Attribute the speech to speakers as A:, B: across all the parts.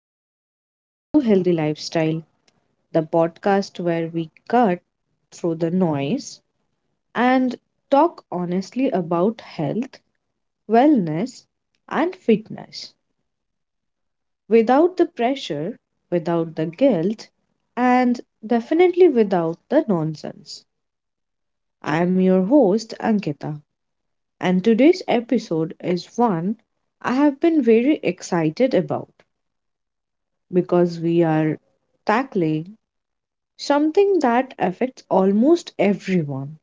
A: and welcome back to Healthy Lifestyle, the podcast where we cut through the noise and talk honestly about health, wellness, and fitness without the pressure, without the guilt, and definitely without the nonsense. I am your host, Ankita, and today's episode is one I have been very excited about because we are tackling something that affects almost everyone,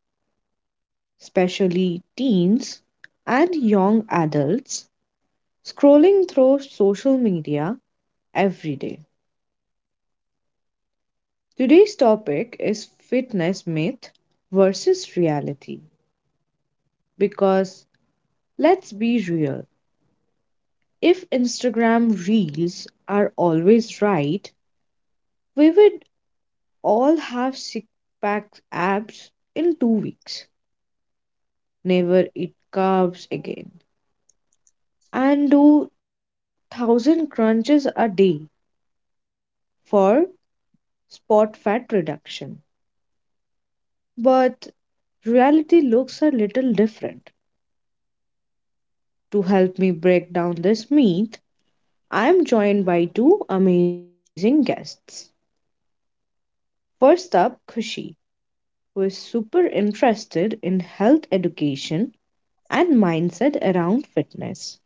A: especially teens and young adults scrolling through social media every day. Today's topic is fitness myth versus reality because, let's be real, if Instagram reels are always right, we would all have six-pack abs in 2 weeks, never eat carbs again and do 1000 crunches a day for spot fat reduction. But reality looks a little different. To help me break down this myth, I am joined by two amazing guests. First up, Kushi, who is super interested in health education and mindset around fitness.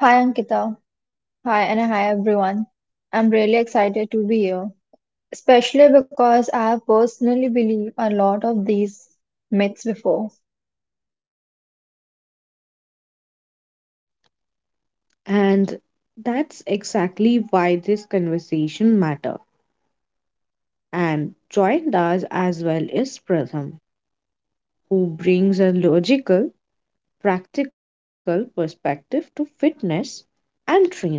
B: Hi Ankita. Hi and hi everyone. I'm really excited to be here, especially because I have personally believed a lot of these myths before.
A: And that's exactly why this conversation matter. And joined us as well is Pratham, who brings a logical, practical perspective to fitness and training.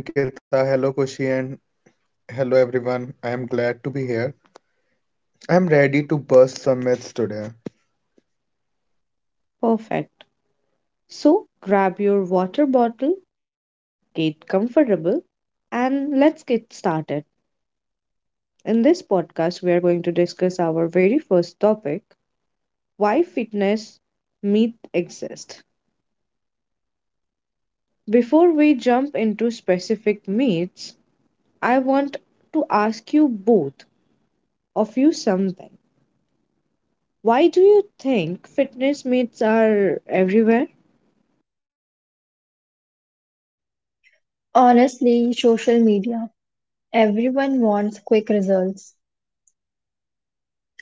C: Hey Ankita, hello Kushi, and hello everyone. I am glad to be here. I am ready to bust some myths today.
A: Perfect. So grab your water bottle, get comfortable, and let's get started. In this podcast, we are going to discuss our very first topic: why fitness myths exist. Before we jump into specific myths, I want to ask you both of you something. Why do you think fitness myths are everywhere?
B: Honestly, social media. Everyone wants quick results,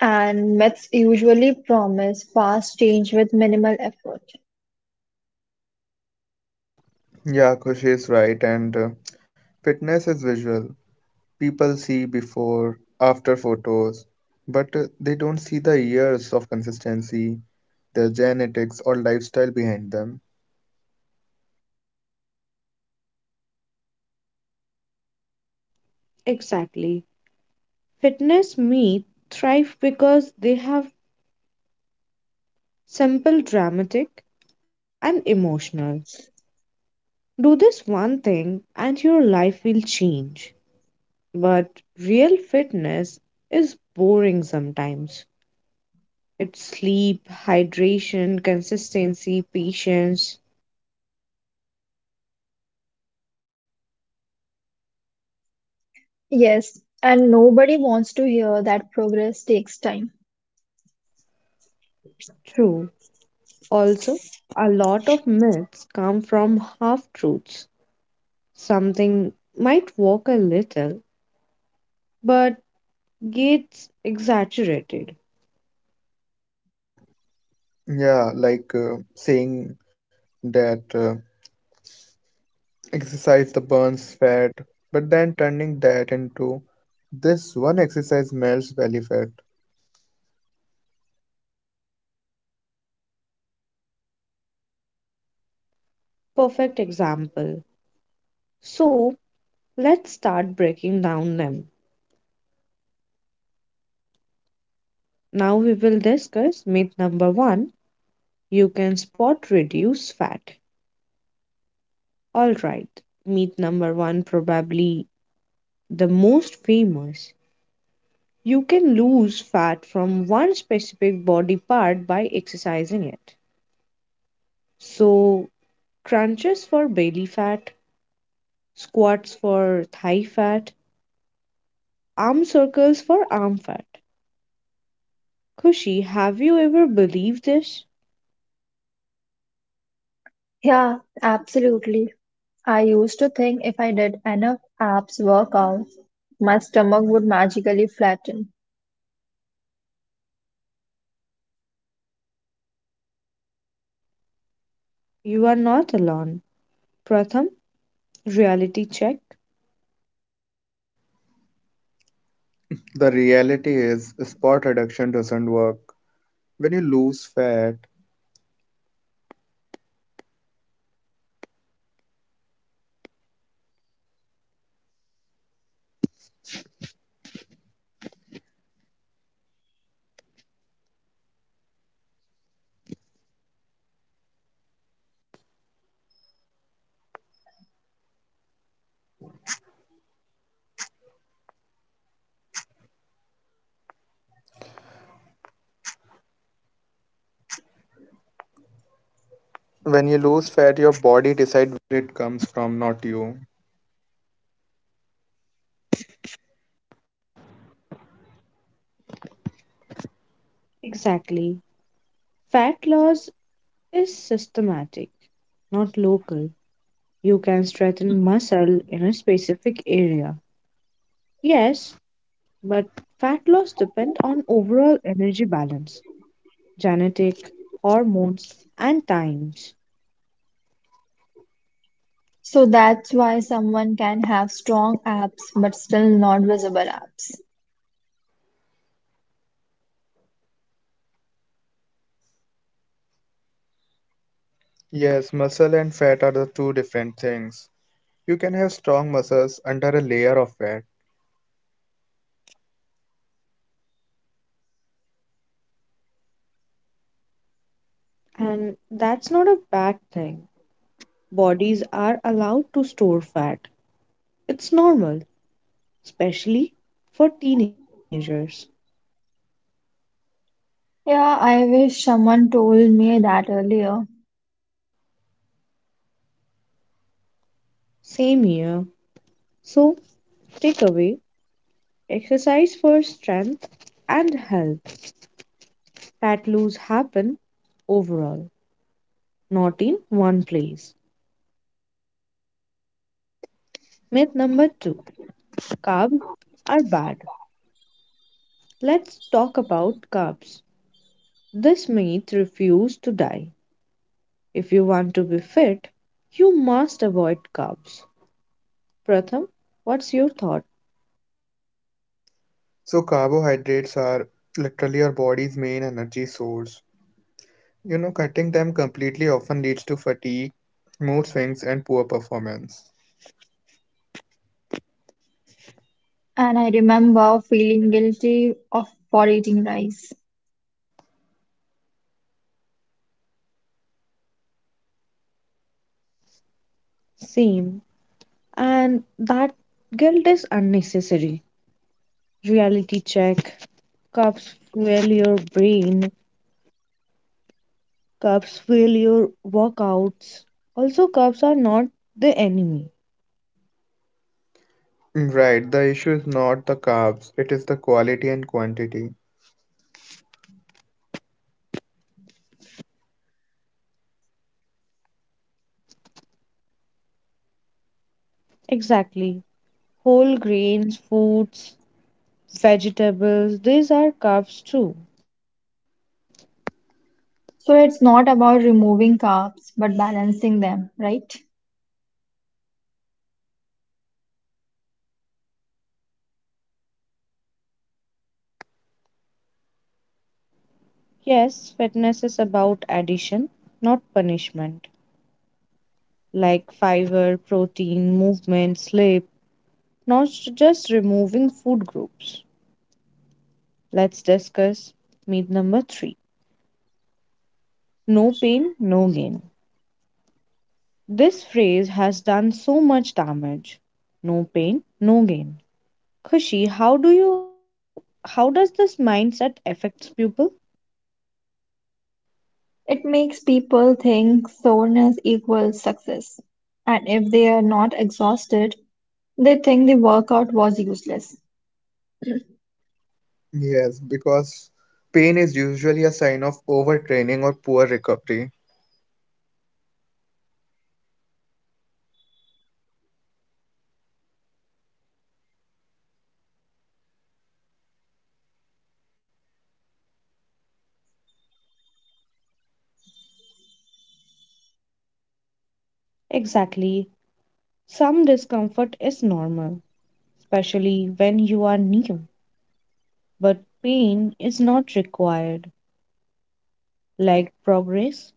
B: and myths usually promise fast change with minimal effort.
C: Yeah, Kushi is right, and fitness is visual. People see before, after photos, but they don't see the years of consistency, their genetics, or lifestyle behind them.
A: Exactly. Fitness myths thrive because they have simple, dramatic, and emotional. Do this one thing and your life will change. But real fitness is boring sometimes. It's sleep, hydration, consistency, patience.
B: Yes, and nobody wants to hear that progress takes time.
A: True. Also, a lot of myths come from half truths, something might work a little but gets exaggerated.
C: Yeah, like saying that exercise the burns fat, but then turning that into this one exercise melts belly fat.
A: Perfect example. So let's start breaking down them. Now we will discuss myth number one: you can spot reduce fat. Alright, myth number one, probably the most famous. You can lose fat from one specific body part by exercising it. So, crunches for belly fat, squats for thigh fat, arm circles for arm fat. Kushi, have you ever believed this?
B: Yeah, absolutely. I used to think if I did enough abs workouts, my stomach would magically flatten.
A: You are not alone. Pratham, reality check.
C: The reality is, spot reduction doesn't work. When you lose fat,
A: Exactly. Fat loss is systematic, not local. You can strengthen muscle in a specific area. Yes, but fat loss depends on overall energy balance, genetic, hormones, and times.
B: So that's why someone can have strong abs but still not visible abs.
C: yes, muscle and fat are the two different things. You can have strong muscles under a layer of fat.
A: And that's not a bad thing. Bodies are allowed to store fat. It's normal, especially for teenagers.
B: Yeah, I wish someone told me that earlier.
A: Same here. So, takeaway, exercise for strength and health. Fat loss happen overall, not in one place. Myth number two: carbs are bad. Let's talk about carbs. This myth refuse to die. If you want to be fit, you must avoid carbs. Pratham, what's your thought?
C: So, carbohydrates are literally your body's main energy source. You know, cutting them completely often leads to fatigue, mood swings, and poor performance.
B: And I remember feeling guilty of for eating rice.
A: Same. And that guilt is unnecessary. Reality check. Cups fuel your brain. Cups fuel your workouts. Also, cups are not the enemy.
C: Mm, right, the issue is not the carbs, it is the quality and quantity.
A: Exactly. Whole grains, fruits, vegetables, these are carbs too.
B: So it's not about removing carbs but balancing them, right?
A: Yes, fitness is about addition, not punishment. Like fiber, protein, movement, sleep, not just removing food groups. Let's discuss meat number three: no pain, no gain. This phrase has done so much damage. No pain, no gain. Kushi, how do you how does this mindset affects people?
B: It makes people think soreness equals success. And if they are not exhausted, they think the workout was useless.
C: Yes, because pain is usually a sign of overtraining or poor recovery.
A: Exactly. Some discomfort is normal, especially when you are new. But pain is not required. Like progress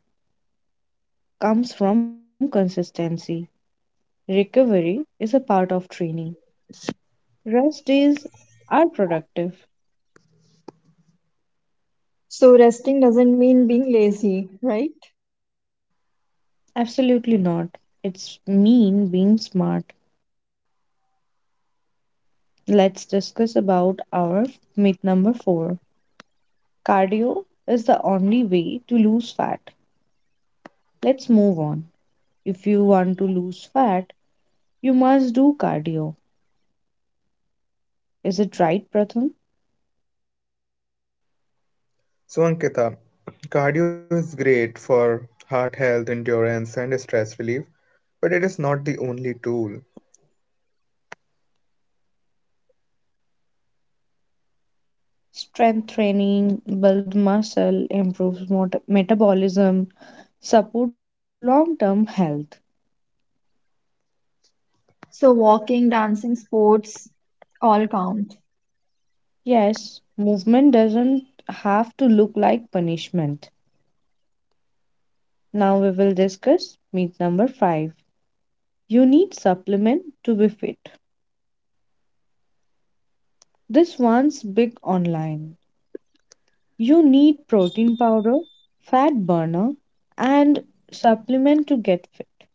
A: comes from consistency. Recovery is a part of training. Rest days are productive.
B: So resting doesn't mean being lazy, right?
A: Absolutely not. It's mean being smart. Let's discuss about our myth number 4. Cardio is the only way to lose fat. Let's move on. If you want to lose fat, you must do cardio. Is it right, Pratham?
C: So, Ankita, cardio is great for heart health, endurance, and stress relief, but it is not the only tool.
A: Strength training, build muscle, improves metabolism, support long-term health.
B: So walking, dancing, sports all count
A: Yes, movement doesn't have to look like punishment. Now we will discuss myth number 5. You need supplement to be fit. This one's big online. You need protein powder, fat burner, and supplement to get fit.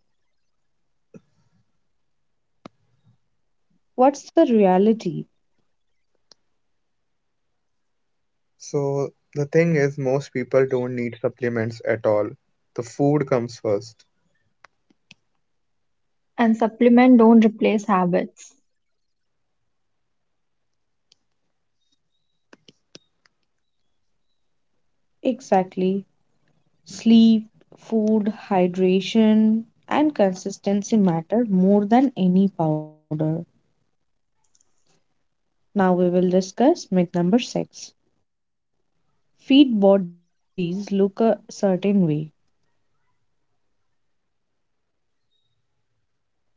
A: What's the reality?
C: So, the thing is, most people don't need supplements at all. The food comes first.
B: and supplement don't replace habits.
A: Exactly. Sleep, food, hydration, and consistency matter more than any powder. Now we will discuss myth number 6. Fit bodies look a certain way.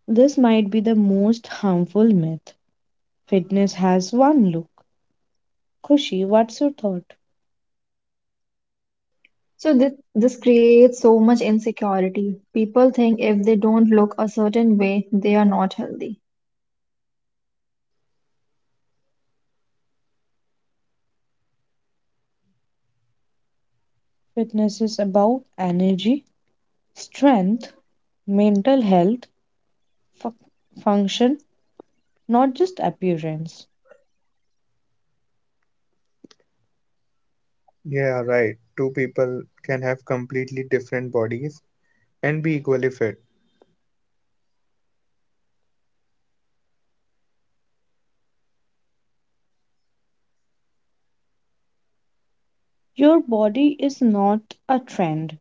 A: This might be the most harmful myth. Fitness has one look. Khushi, what's your thought?
B: So this creates so much insecurity. People think if they don't look a certain way, they are not healthy.
A: Fitness is about energy, strength, mental health, fu- function, not just appearance.
C: Yeah, right. Two people can have completely different bodies and be equally fit.
A: Your body is not a trend.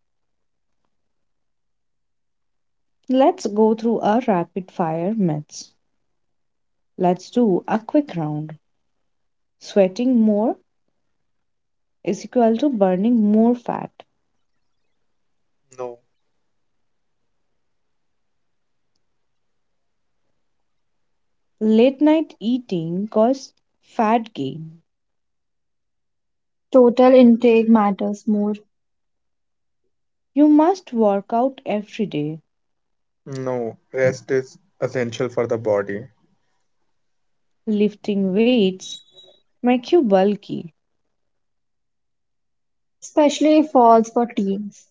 A: Let's go through our rapid fire myths. Let's do a quick round. Sweating more is equal to burning more fat.
C: No.
A: Late night eating causes fat gain.
B: Total intake matters more,
A: You must work out every day.
C: No, rest is essential for the body.
A: Lifting weights make you bulky.
B: especially if falls for teens.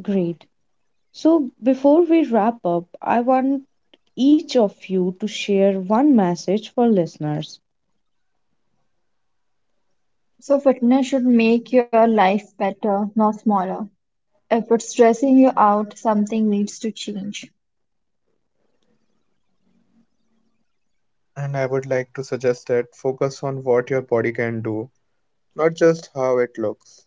A: Great. So, before we wrap up, I want each of you to share one message for listeners.
B: So fitness should make your life better, not smaller. If it's stressing you out, something needs to change.
C: And I would like to suggest that focus on what your body can do, not just how it looks.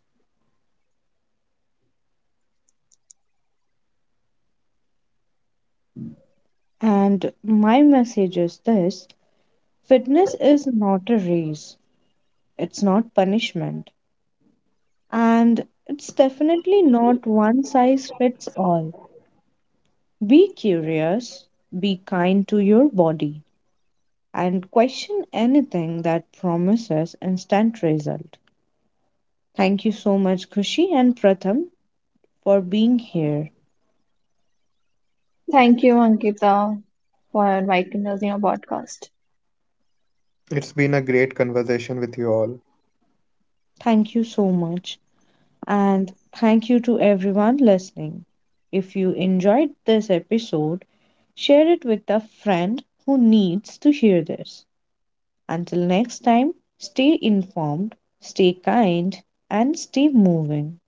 A: And my message is this: fitness is not a race, it's not punishment, and it's definitely not one size fits all. Be curious, be kind to your body, and question anything that promises instant result. Thank you so much, Kushi and Pratham, for being here.
B: Thank you, Ankita, for inviting us in your podcast.
C: It's been a great conversation with you all.
A: Thank you so much. And thank you to everyone listening. If you enjoyed this episode, share it with a friend who needs to hear this. Until next time, stay informed, stay kind, and stay moving.